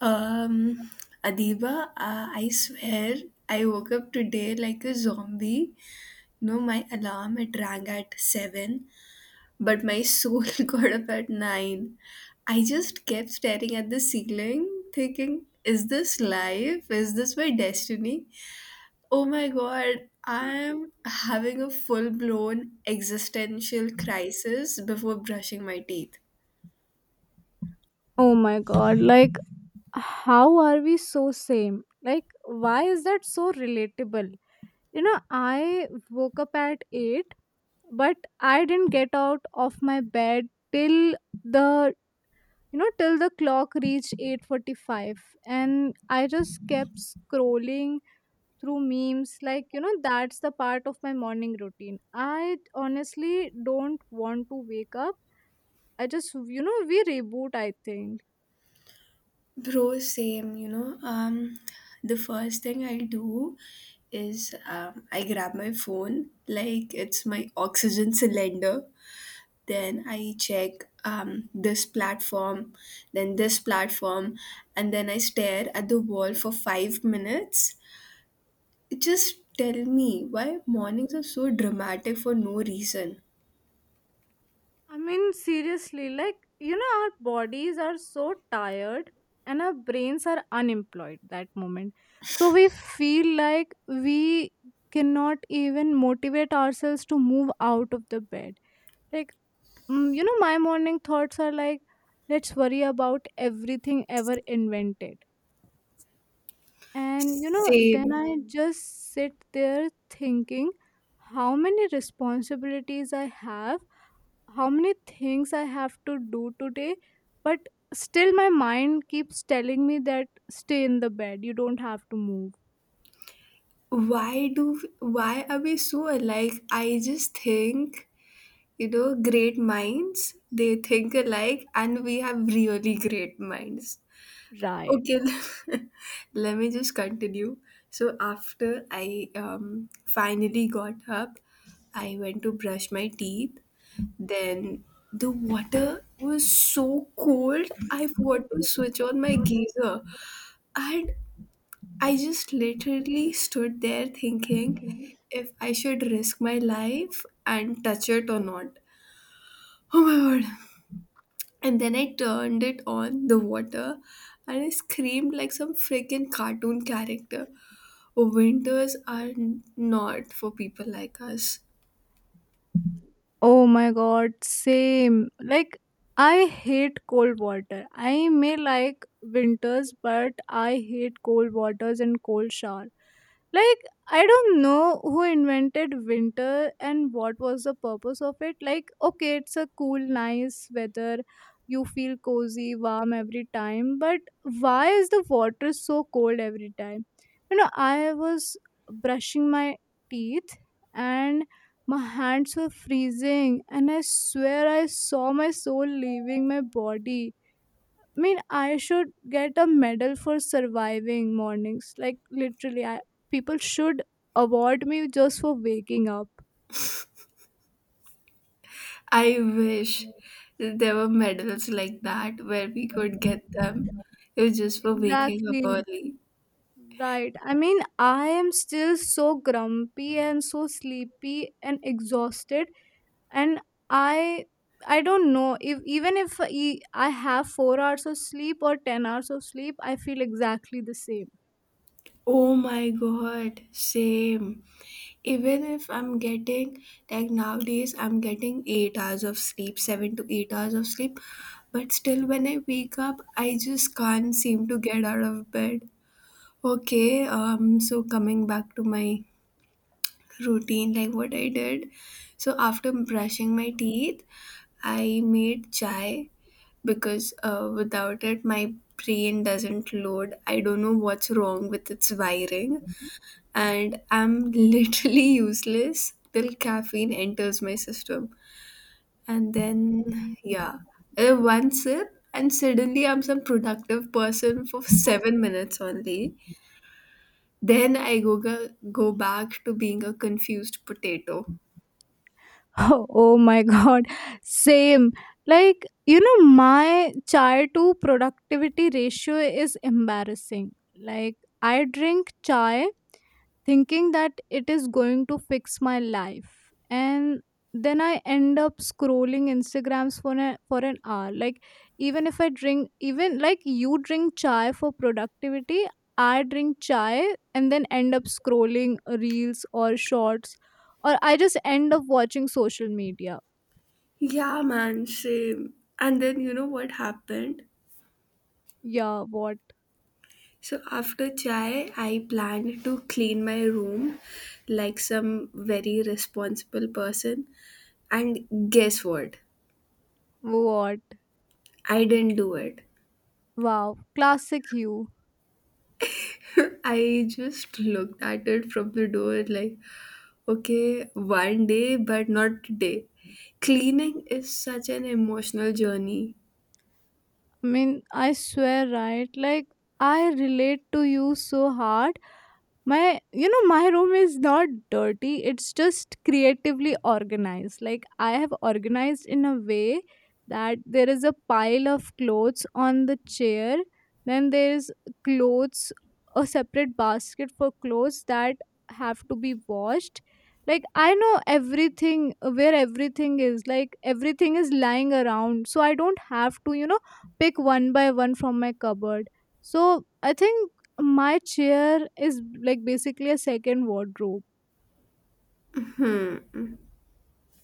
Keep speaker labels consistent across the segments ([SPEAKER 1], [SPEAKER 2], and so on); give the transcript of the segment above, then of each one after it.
[SPEAKER 1] Um, Adiba, I swear I woke up today like a zombie. No, my alarm it rang at 7, but my soul got up at 9. I just kept staring at the ceiling, thinking, is this life? Is this my destiny? Oh my god, I'm having a full blown existential crisis before brushing my teeth.
[SPEAKER 2] Oh my god, like how are we so same? Like why is that so relatable? You know, I woke up at 8 but I didn't get out of my bed till the you know till the clock reached 8:45, and I just kept scrolling through memes, that's the part of my morning routine. I honestly don't want to wake up. I just, you know, we reboot, I think.
[SPEAKER 1] Bro, same, you know. The first thing I do is I grab my phone, like it's my oxygen cylinder. Then I check this platform, then this platform, and then I stare at the wall for 5 minutes. Just tell me why mornings are so dramatic for no reason.
[SPEAKER 2] I mean, seriously, like, you know, our bodies are so tired and our brains are unemployed that moment. So we feel like we cannot even motivate ourselves to move out of the bed. Like, you know, my morning thoughts are like, let's worry about everything ever invented. And you know, then
[SPEAKER 1] Same.
[SPEAKER 2] I just sit there thinking how many responsibilities I have, how many things I have to do today, but still my mind keeps telling me that stay in the bed, you don't have to move.
[SPEAKER 1] Why are we so alike? I just think. You know, great minds, they think alike, and we have really great minds.
[SPEAKER 2] Right.
[SPEAKER 1] Okay, let me just continue. So, after I finally got up, I went to brush my teeth. Then the water was so cold, I forgot to switch on my geyser. And I just literally stood there thinking if I should risk my life and touch it or not. Oh my god. And then I turned it on the water and I screamed like some freaking cartoon character. Winters are not for people like us.
[SPEAKER 2] Oh my god, same. Like, I hate cold water. I may like winters, but I hate cold waters and cold shower. Like, I don't know who invented winter and what was the purpose of it. Like, okay, it's a cool, nice weather. You feel cozy, warm every time. But why is the water so cold every time? You know, I was brushing my teeth and my hands were freezing, and I swear I saw my soul leaving my body. I mean, I should get a medal for surviving mornings. Like, literally, I, people should award me just for waking up.
[SPEAKER 1] I wish there were medals like that where we could get them. It was just for waking up
[SPEAKER 2] Exactly.
[SPEAKER 1] early.
[SPEAKER 2] Right. I mean, I am still so grumpy and so sleepy and exhausted, and i I don't know, if even if e- I have 4 hours of sleep or 10 hours of sleep, I feel exactly the same.
[SPEAKER 1] Oh my god, same. Even if I'm getting, like nowadays, I'm getting 8 hours of sleep, 7 to 8 hours of sleep, but still, when I wake up, I just can't seem to get out of bed. Okay, so coming back to my routine, like what I did. So after brushing my teeth, I made chai because without it, my brain doesn't load. I don't know what's wrong with its wiring and I'm literally useless till caffeine enters my system. And then, yeah, one sip, and suddenly I'm some productive person for 7 minutes only. Then I go back to being a confused potato.
[SPEAKER 2] Oh my god, same. Like, you know, my chai to productivity ratio is embarrassing. Like, I drink chai thinking that it is going to fix my life, and then I end up scrolling instagrams for an hour. Like, even if I drink, even like you drink chai for productivity, I drink chai and then end up scrolling reels or shorts, or I just end up watching social media.
[SPEAKER 1] Yeah, man, same. And then you know what happened?
[SPEAKER 2] Yeah, what?
[SPEAKER 1] So after chai, I planned to clean my room like some very responsible person. And guess what?
[SPEAKER 2] What?
[SPEAKER 1] I didn't do it.
[SPEAKER 2] Wow, classic you.
[SPEAKER 1] I just looked at it from the door like, okay, one day, but not today. Cleaning is such an emotional journey.
[SPEAKER 2] I mean, I swear, right? Like, I relate to you so hard. My, you know, my room is not dirty, it's just creatively organized. Like, I have organized in a way that there is a pile of clothes on the chair, then there's clothes, a separate basket for clothes that have to be washed. Like, I know everything, where everything is. Like, everything is lying around, so I don't have to, you know, pick one by one from my cupboard. So I think my chair is like basically a second wardrobe.
[SPEAKER 1] Hmm.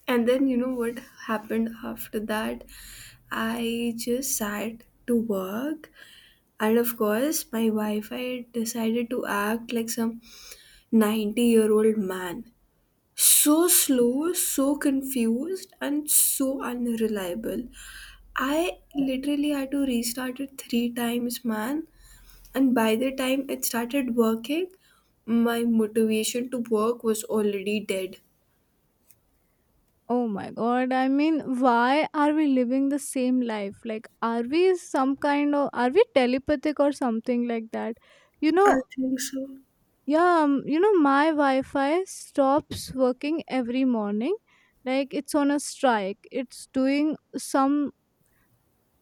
[SPEAKER 1] And then you know what happened after that? I just sat to work, and of course, my Wi Fi decided to act like some 90-year-old man. So slow, so confused, and so unreliable. I literally had to restart it three times, man. And by the time it started working, my motivation to work was already dead.
[SPEAKER 2] Oh my god. I mean, why are we living the same life? Like, are we some kind of, are we telepathic or something like that? You
[SPEAKER 1] I
[SPEAKER 2] know,
[SPEAKER 1] think so.
[SPEAKER 2] yeah, you know, my Wi Fi stops working every morning. Like, it's on a strike. It's doing some,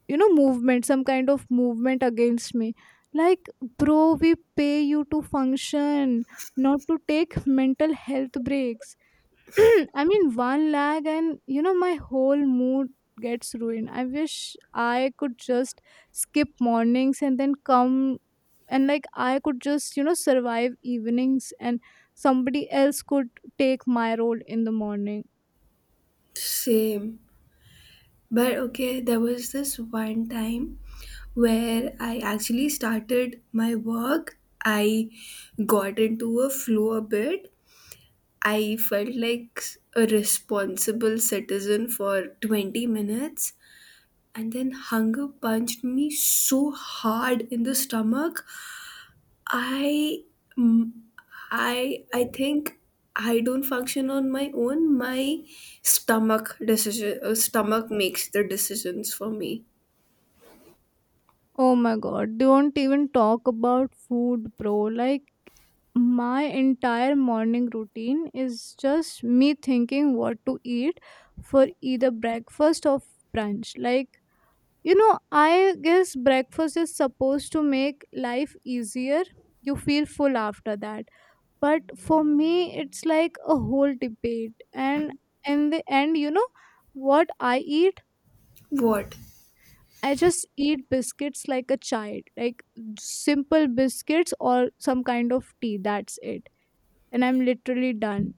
[SPEAKER 2] you know, movement, some kind of movement against me. Like, bro, we pay you to function, not to take mental health breaks. I mean, one lag, and you know, my whole mood gets ruined. I wish I could just skip mornings and then come and, like, I could just, you know, survive evenings and somebody else could take my role in the morning.
[SPEAKER 1] Same. But okay, there was this one time where I actually started my work. I got into a flow a bit. I felt like a responsible citizen for 20 minutes and then hunger punched me so hard in the stomach i mm, I think I don't function on my own my stomach makes the decisions for me.
[SPEAKER 2] Oh my god, don't even talk about food, bro. Like, my entire morning routine is just me thinking what to eat for either breakfast or brunch. Like, you know, I guess breakfast is supposed to make life easier. You feel full after that. But for me, it's like a whole debate. And in the end, you know, what I eat,
[SPEAKER 1] What
[SPEAKER 2] I just eat biscuits like a child, like simple biscuits or some kind of tea. That's it. And I'm literally done.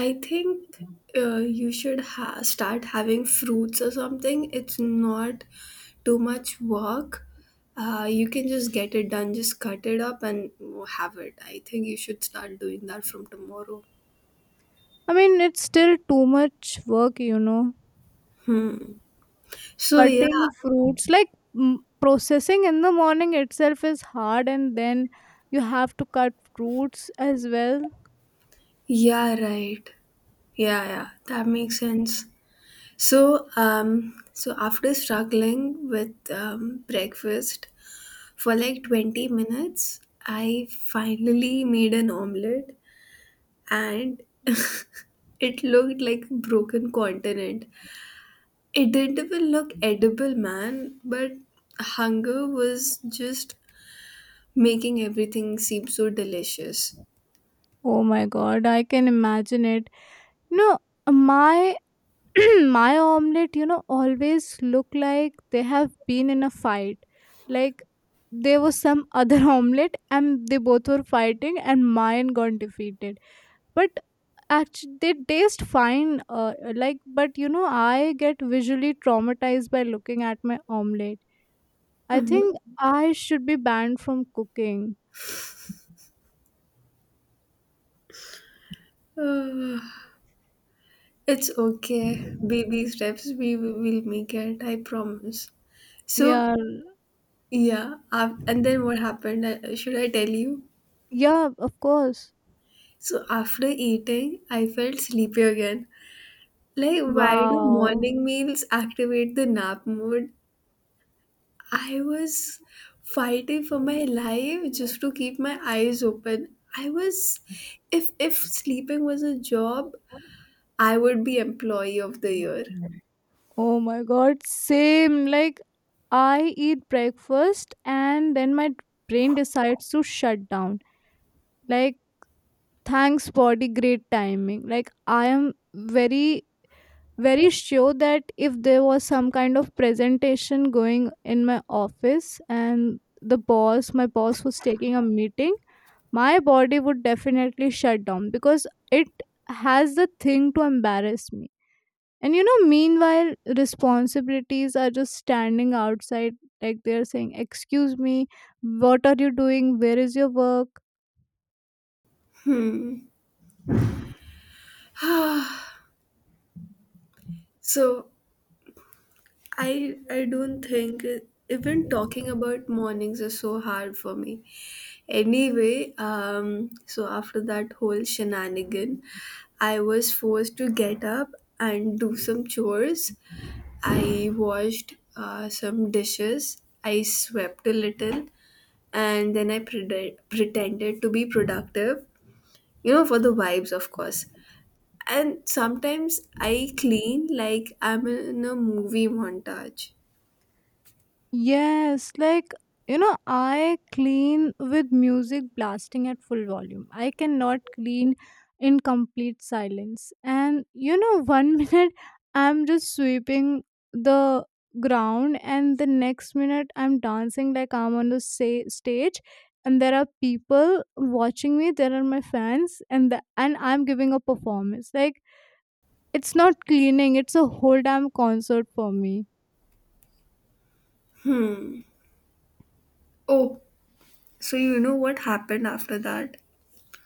[SPEAKER 1] I think, you should start having fruits or something, it's not too much work. You can just get it done, just cut it up and have it. I think you should start doing that from tomorrow.
[SPEAKER 2] I mean, it's still too much work, you know.
[SPEAKER 1] Hmm. So yeah,
[SPEAKER 2] Cutting fruits, like, processing in the morning itself is hard, and then you have to cut fruits as well.
[SPEAKER 1] yeah, right. Yeah, yeah, that makes sense. So so after struggling with breakfast for like 20 minutes, I finally made an omelet, and it looked like a broken continent. It didn't even look edible, man. But hunger was just making everything seem so delicious.
[SPEAKER 2] Oh my god, I can imagine it. You know, my my omelet, you know, always look like they have been in a fight. Like, there was some other omelet and they both were fighting and mine got defeated. But actually they taste fine, like, but you know, I get visually traumatized by looking at my omelette. I
[SPEAKER 1] Mhm.
[SPEAKER 2] think I should be banned from cooking.
[SPEAKER 1] It's okay. Baby steps. We will make it. I promise. So
[SPEAKER 2] Yeah.
[SPEAKER 1] yeah, and then what happened? Should I tell you?
[SPEAKER 2] Yeah, of course.
[SPEAKER 1] So after eating, I felt sleepy again. Like why do
[SPEAKER 2] Wow.
[SPEAKER 1] morning meals activate the nap mode? I was fighting for my life just to keep my eyes open. If sleeping was a job, I would be employee of the year.
[SPEAKER 2] Oh my god, same. Like, I eat breakfast and then my brain decides to shut down. Like, thanks body, great timing. Like, I am very, very sure that if there was some kind of presentation going in my office and the boss my boss was taking a meeting, my body would definitely shut down because it has the thing to embarrass me. And you know, meanwhile responsibilities are just standing outside, like they're saying, excuse me, what are you doing, where is your work?
[SPEAKER 1] So I don't think, even talking about mornings is so hard for me. Anyway, so after that whole shenanigan, I was forced to get up and do some chores. I washed some dishes. I swept a little, and then I pretended to be productive. You know, for the vibes, of course. And sometimes I clean like I'm in a movie montage.
[SPEAKER 2] Yes, like, you know, I clean with music blasting at full volume. I cannot clean in complete silence. And you know, one minute I'm just sweeping the ground, and the next minute I'm dancing like I'm on the, say, stage, and there are people watching me. There are my fans, and the, and I'm giving a performance. Like, it's not cleaning; it's a whole damn concert for me.
[SPEAKER 1] Oh, so you know what happened after that?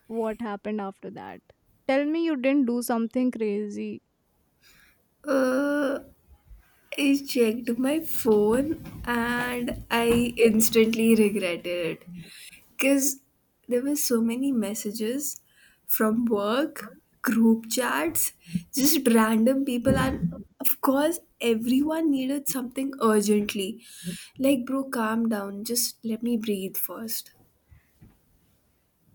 [SPEAKER 2] What happened after that? Tell me you didn't do something crazy.
[SPEAKER 1] Uh, I checked my phone and I instantly regretted it because there were so many messages from work, group chats, just random people, and of course, everyone needed something urgently. Like, bro, calm down, just let me breathe first.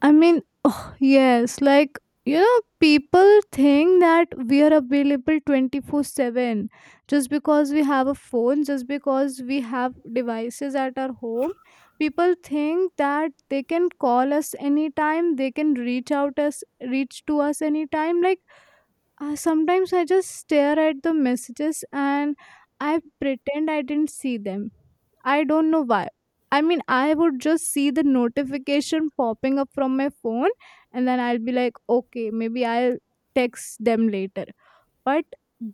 [SPEAKER 2] I mean, oh, yes, like, you know, people think that we are available 24/7 just because we have a phone, just because we have devices at our home. People think that they can call us anytime, they can reach out us, reach to us anytime. Like, sometimes I just stare at the messages and I pretend I didn't see them. I don't know why. I mean, I would just see the notification popping up from my phone, and then I'll be like, okay, maybe I'll text them later. But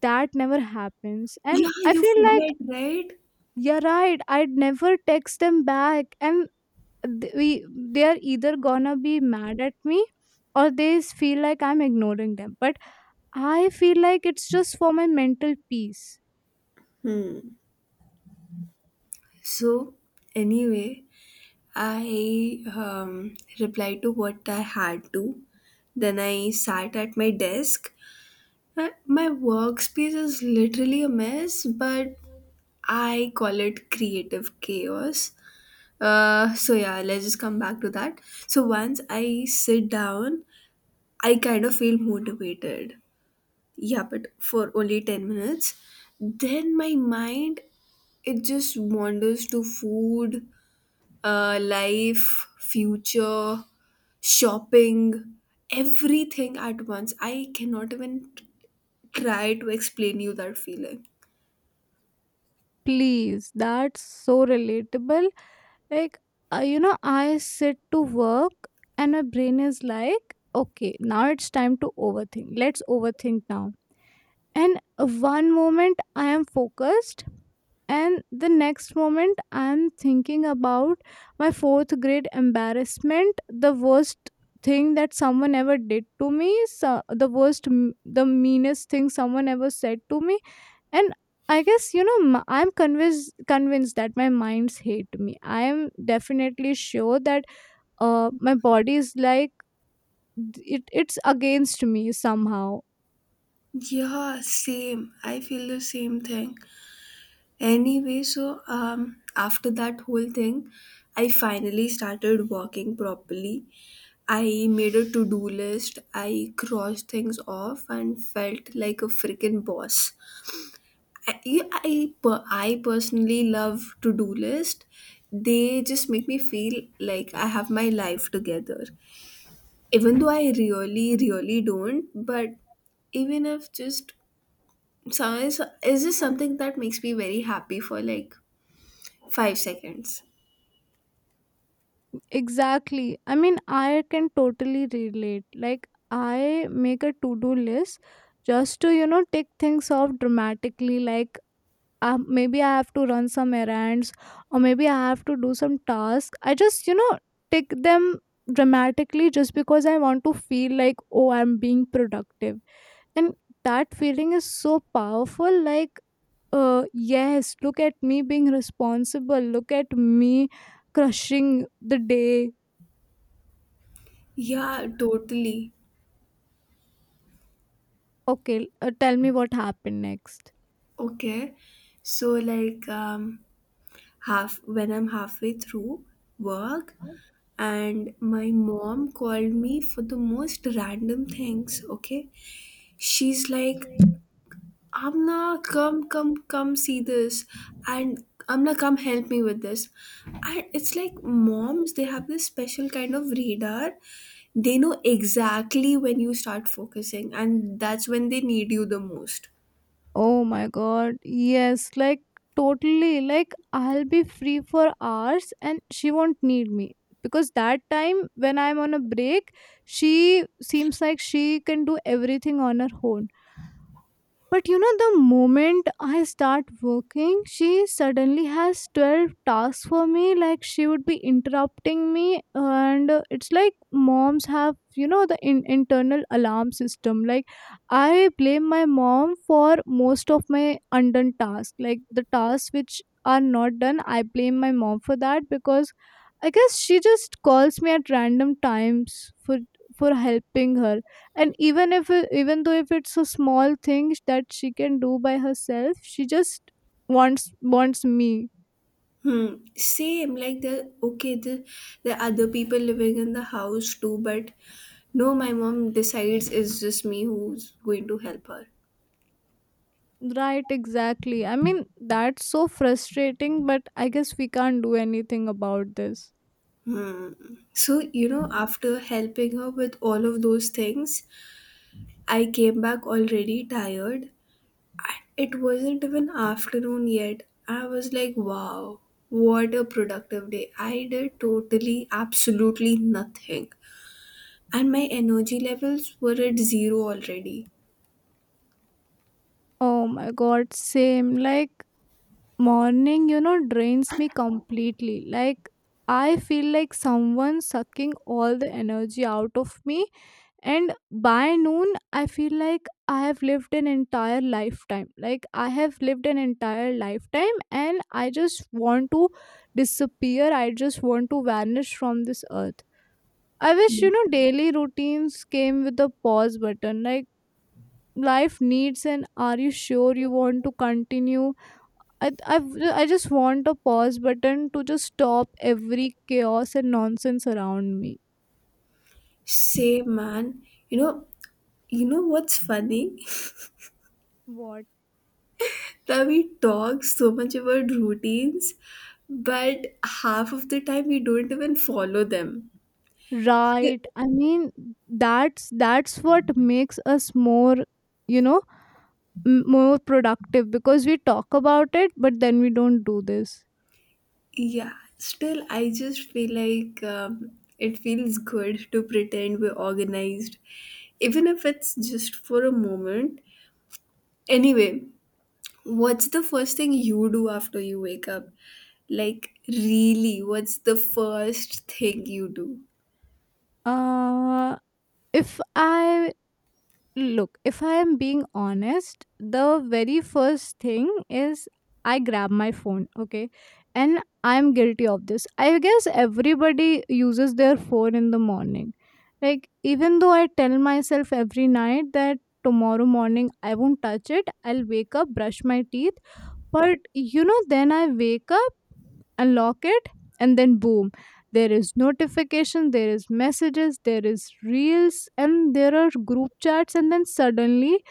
[SPEAKER 2] that never happens.
[SPEAKER 1] Yeah,
[SPEAKER 2] And I
[SPEAKER 1] you
[SPEAKER 2] feel like,
[SPEAKER 1] forget, right?
[SPEAKER 2] you're right, I'd never text them back. And th- we, they're either gonna be mad at me or feel like I'm ignoring them. But I feel like it's just for my mental peace.
[SPEAKER 1] Hmm. So, anyway. I replied to what I had to. Then I sat at my desk. My workspace is literally a mess, but I call it creative chaos. So, yeah, let's just come back to that. So, once I sit down, I kind of feel motivated. Yeah, but for only 10 minutes. Then my mind it just wanders to food, life, future, shopping, everything at once. I cannot even try to explain you that feeling.
[SPEAKER 2] Please, that's so relatable. Like, you know, I sit to work and my brain is like, okay, now it's time to overthink, let's overthink now. And one moment I am focused, and the next moment I am thinking about my fourth grade embarrassment, the worst thing that someone ever did to me, so the worst, the meanest thing someone ever said to me. And I guess, you know, I'm convinced that my minds hate me. I am definitely sure that my body is like, it it's against me somehow.
[SPEAKER 1] Yeah, same. I feel the same thing. Anyway, so after that whole thing, I finally started working properly. I made a to-do list. I crossed things off and felt like a freaking boss. I personally love to-do list. They just make me feel like I have my life together. Even though I really, really don't, but even if just some is just something that makes me very happy for like 5 seconds.
[SPEAKER 2] Exactly, I mean, I can totally relate. Like, I make a to do list just to, you know, take things off dramatically. Like, maybe I have to run some errands or maybe I have to do some task. I just, you know, take them dramatically just because I want to feel like, oh, I'm being productive. And that feeling is so powerful. Like, yes, look at me being responsible. Look at me crushing the day.
[SPEAKER 1] Yeah, totally.
[SPEAKER 2] Okay, tell me what happened next.
[SPEAKER 1] Okay. So like half when I'm halfway through work, and my mom called me for the most random things. Okay, she's like, Amna, come see this, and Amna, come help me with this. And it's like moms, they have this special kind of radar. They know exactly when you start focusing and that's when they need you the most.
[SPEAKER 2] Oh my god, yes, like, totally. Like, I'll be free for hours and she won't need me because that time when I'm on a break, she seems like she can do everything on her own. But you know, the moment I start working, she suddenly has 12 tasks for me. Like, she would be interrupting me. And it's like moms have, you know, the internal alarm system. Like, I blame my mom for most of my undone tasks. Like, the tasks which are not done, I blame my mom for that because I guess she just calls me at random times for helping her. And even if it- even though if it's a small thing that she can do by herself, she just wants wants me.
[SPEAKER 1] Hmm. Same, like the okay, the other people living in the house too, but no, my mom decides it's just me who's going to help her.
[SPEAKER 2] Right, exactly. I mean, that's so frustrating, but I guess we can't do anything about this.
[SPEAKER 1] Hmm. So, you know, after helping her with all of those things, I came back already tired. It wasn't even afternoon yet. I was like, wow, what a productive day. I did totally, absolutely nothing. And my energy levels were at zero already.
[SPEAKER 2] Oh my god, same. Like, morning, you know, drains me completely. Like, I feel like someone sucking all the energy out of me, and by noon I feel like I have lived an entire lifetime, like I have lived an entire lifetime, and I just want to disappear, I just want to vanish from this earth. I wish, you know, daily routines came with a pause button. Like, life needs an, are you sure you want to continue? i i, I just want a pause button to just stop every chaos and nonsense around me.
[SPEAKER 1] Same man. You know, what's funny?
[SPEAKER 2] What?
[SPEAKER 1] That we talk so much about routines, but half of the time we don't even follow them. Still,
[SPEAKER 2] Right. I mean, that's what makes us more, you know, more productive because we talk about it, but then we don't do this.
[SPEAKER 1] yeah. Still, I just feel like it feels good to pretend we're organized, even if it's just for a moment. Anyway, what's the first thing you do after you wake up? Like, really, what's the first thing you do?
[SPEAKER 2] Uh, if I Look, if I am being honest, the very first thing is I grab my phone, okay? And I'm guilty of this. I guess everybody uses their phone in the morning. Like, even though I tell myself every night that tomorrow morning I won't touch it, I'll wake up, brush my teeth. But you know, then I wake up, unlock it, and then boom, there is notification, there is messages, there is reels, and there are group chats, and then suddenly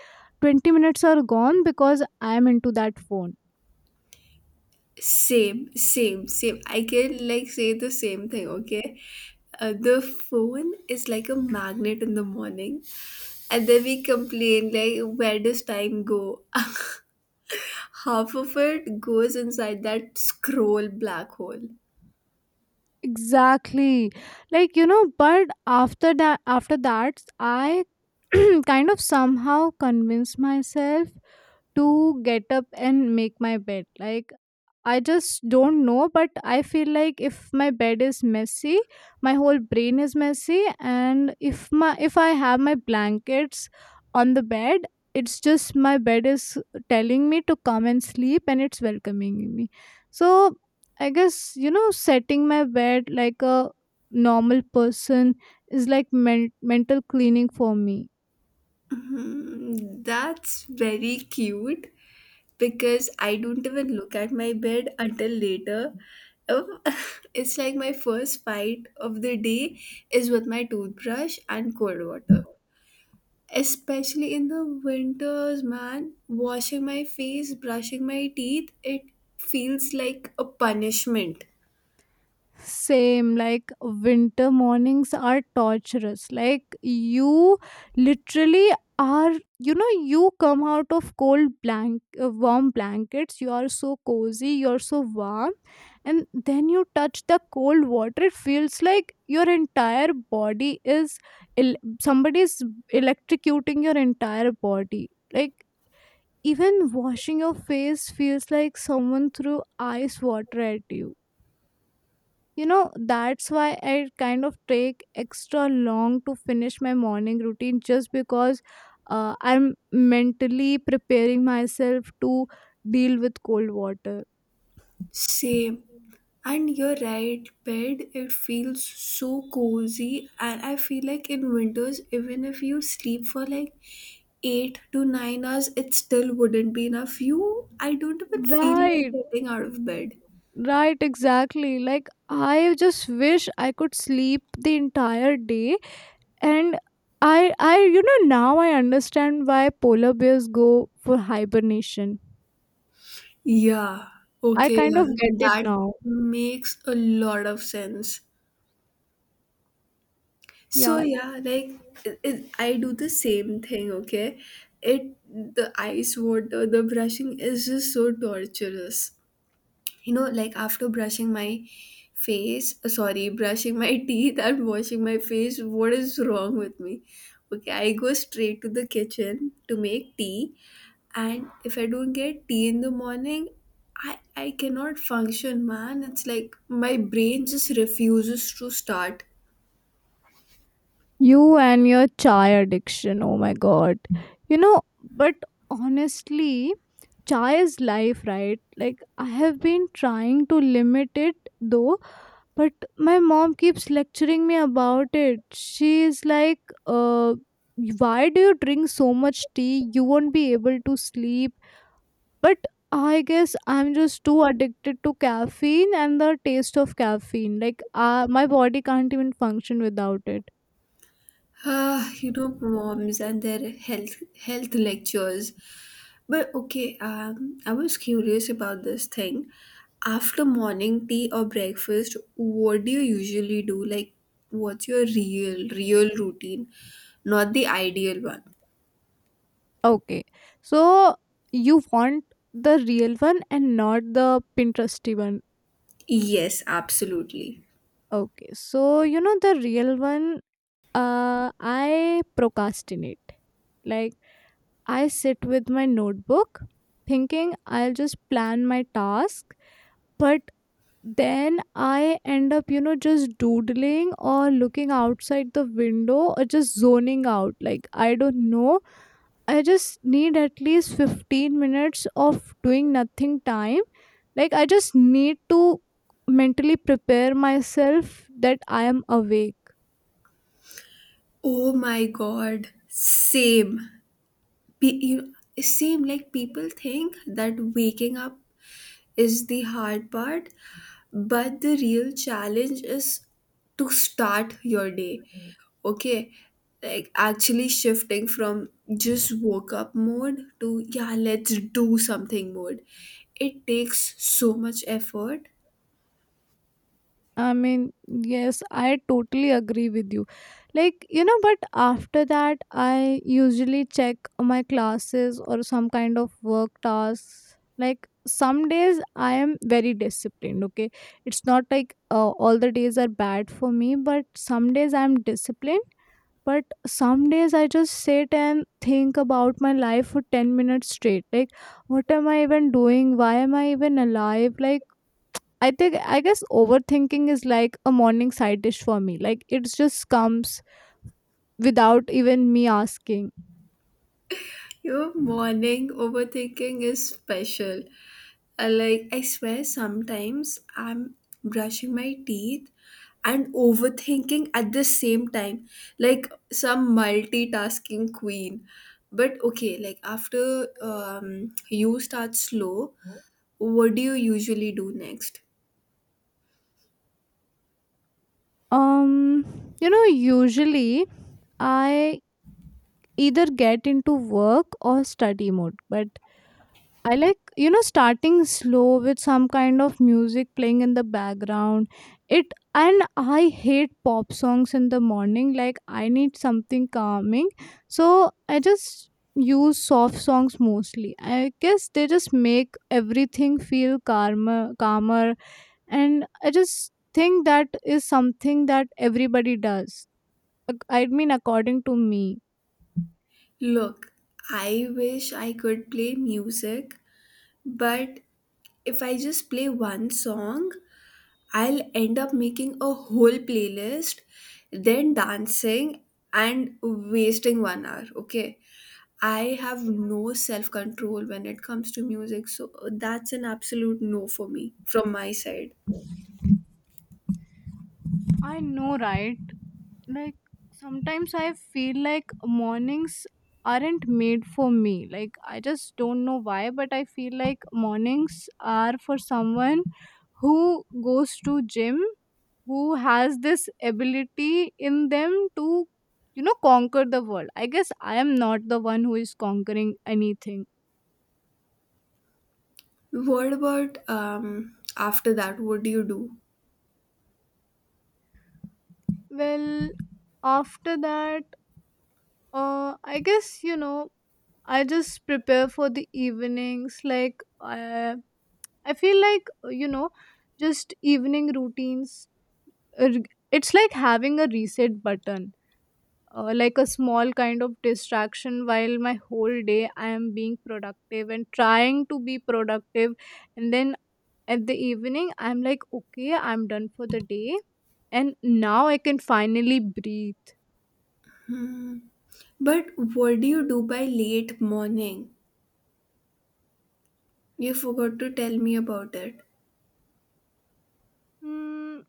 [SPEAKER 2] 20 minutes are gone because I am into that phone.
[SPEAKER 1] Same, same, same. I can like say the same thing, okay? The phone is like a magnet in the morning, and then we complain, like, where does time go? Half of it goes inside that scroll black hole.
[SPEAKER 2] Exactly. Like, you know, but after that I kind of somehow convince myself to get up and make my bed. Like, I just don't know, but I feel like if my bed is messy, my whole brain is messy, and if I have my blankets on the bed, it's just my bed is telling me to come and sleep, and it's welcoming me. So I guess, you know, setting my bed like a normal person is like mental cleaning for me.
[SPEAKER 1] Mhm. That's very cute. Because I don't even look at my bed until later. Um, it's like my first fight of the day is with my toothbrush and cold water. Especially in the winters, man, washing my face, brushing my teeth, it feels like a punishment.
[SPEAKER 2] Same, like winter mornings are torturous. Like you literally are, you know, you come out of warm blankets. You are so cozy, you're so warm, and then you touch the cold water. It feels like your entire body is somebody's electrocuting your entire body. Like even washing your face feels like someone threw ice water at you. You know, that's why I kind of take extra long to finish my morning routine just because I'm mentally preparing myself to deal with cold water.
[SPEAKER 1] Same. And you're right, bed, it feels so cozy. And I feel like in winters, even if you sleep for like 8 to 9 hours, it still wouldn't be enough. You, I don't even feel like
[SPEAKER 2] Right.
[SPEAKER 1] getting out of bed.
[SPEAKER 2] Right, exactly. Like, I just wish I could sleep the entire day. And you know, now I understand why polar bears go for hibernation.
[SPEAKER 1] Yeah,
[SPEAKER 2] I
[SPEAKER 1] okay,
[SPEAKER 2] kind
[SPEAKER 1] yeah,
[SPEAKER 2] of get it
[SPEAKER 1] that
[SPEAKER 2] now.
[SPEAKER 1] makes a lot of sense. So
[SPEAKER 2] Yeah.
[SPEAKER 1] yeah, like I do the same thing, okay? It The ice water, the brushing is just so torturous. You know, like after brushing my face sorry brushing my teeth and washing my face, what is wrong with me? Okay, I go straight to the kitchen to make tea, and if I don't get tea in the morning, I cannot function, man. It's like my brain just refuses to start.
[SPEAKER 2] You and your chai addiction. Oh my god. You know, but honestly, chai is life, right? Like, I have been trying to limit it though, but my mom keeps lecturing me about it. She's like, uh, why do you drink so much tea? You won't be able to sleep. But I guess I'm just too addicted to caffeine and the taste of caffeine. Like, my body can't even function without it.
[SPEAKER 1] Ah, you know moms and their health lectures. But okay, I was curious about this thing. After morning tea or breakfast, what do you usually do? Like, what's your real, real routine? Not the ideal one.
[SPEAKER 2] Okay. So you want the real one and not the Pinteresty one.
[SPEAKER 1] Yes, absolutely.
[SPEAKER 2] Okay. So you know the real one, I procrastinate. Like, I sit with my notebook thinking I'll just plan my task, but then I end up, you know, just doodling or looking outside the window or just zoning out. Like, I don't know, I just need at least 15 minutes of doing nothing time. Like, I just need to mentally prepare myself that I am awake.
[SPEAKER 1] Oh my god, same. Pe- you- Same, like people think that waking up is the hard part, but the real challenge is to start your day. Okay, like actually shifting from just woke up mode to yeah, let's do something mode. It takes so much effort.
[SPEAKER 2] I mean, yes, I totally agree with you. Like, you know, but after that, I usually check my classes or some kind of work tasks. Like, some days I am very disciplined, okay? It's not like all the days are bad for me, but some days I'm disciplined, but some days I just sit and think about my life for 10 minutes straight. Like, what am I even doing, why am I even alive? Like, I think, I guess overthinking is like a morning side dish for me. Like, it just comes without even me asking.
[SPEAKER 1] Your morning overthinking is special. I swear sometimes I'm brushing my teeth and overthinking at the same time. Like some multitasking queen. But okay, like after you start slow, what do you usually do next?
[SPEAKER 2] um you know, usually I either get into work or study mode, but I like, you know, starting slow with some kind of music playing in the background. It And I hate pop songs in the morning. Like I need something calming. So I just use soft songs mostly. I guess they just make everything feel calmer, and I just think that is something that everybody does. I mean, according to me.
[SPEAKER 1] Look, I wish I could play music, but if I just play one song, I'll end up making a whole playlist, then dancing and wasting 1 hour. Okay. I have no self control when it comes to music. So that's an absolute no for me from my side.
[SPEAKER 2] I know, right? Like, sometimes I feel like mornings aren't made for me. Like, I just don't know why, but I feel like mornings are for someone who goes to gym, who has this ability in them to, you know, conquer the world. I guess I am not the one who is conquering anything.
[SPEAKER 1] What about after that? What do you do?
[SPEAKER 2] Well, after that, I guess, you know, I just prepare for the evenings. Like, I feel like, you know, just evening routines, uh, it's like having a reset button, like a small kind of distraction while my whole day I am being productive and trying to be productive. And then at the evening, I'm like, okay, I'm done for the day. And now I can finally breathe.
[SPEAKER 1] Hmm. But what do you do by late morning? You forgot to tell me about it.
[SPEAKER 2] Mm,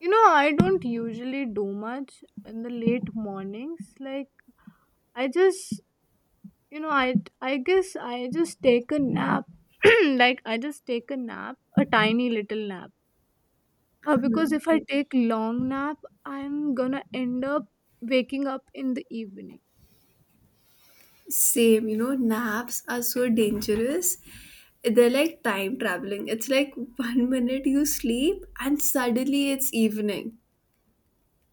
[SPEAKER 2] you know, I don't usually do much in the late mornings. Like, I just You know, I I guess I just take a nap. Like, I just take a nap, a tiny little nap. Because if I take long nap, I'm gonna end up waking up in the evening.
[SPEAKER 1] Same, you know, naps are so dangerous. They're like time traveling. It's like one minute you sleep and suddenly it's evening.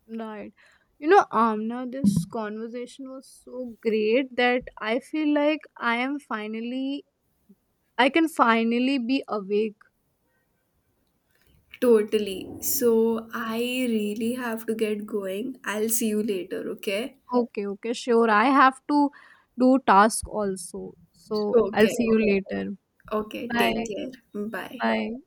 [SPEAKER 2] Right. You know, Amna, this conversation was so great that I feel like I am finally I can finally be awake.
[SPEAKER 1] Totally. So I really have to get going. I'll see you later, okay?
[SPEAKER 2] Okay, okay, sure. I have to do task also. So I'll
[SPEAKER 1] Okay.
[SPEAKER 2] see you later.
[SPEAKER 1] Okay, take care. Bye.
[SPEAKER 2] Bye.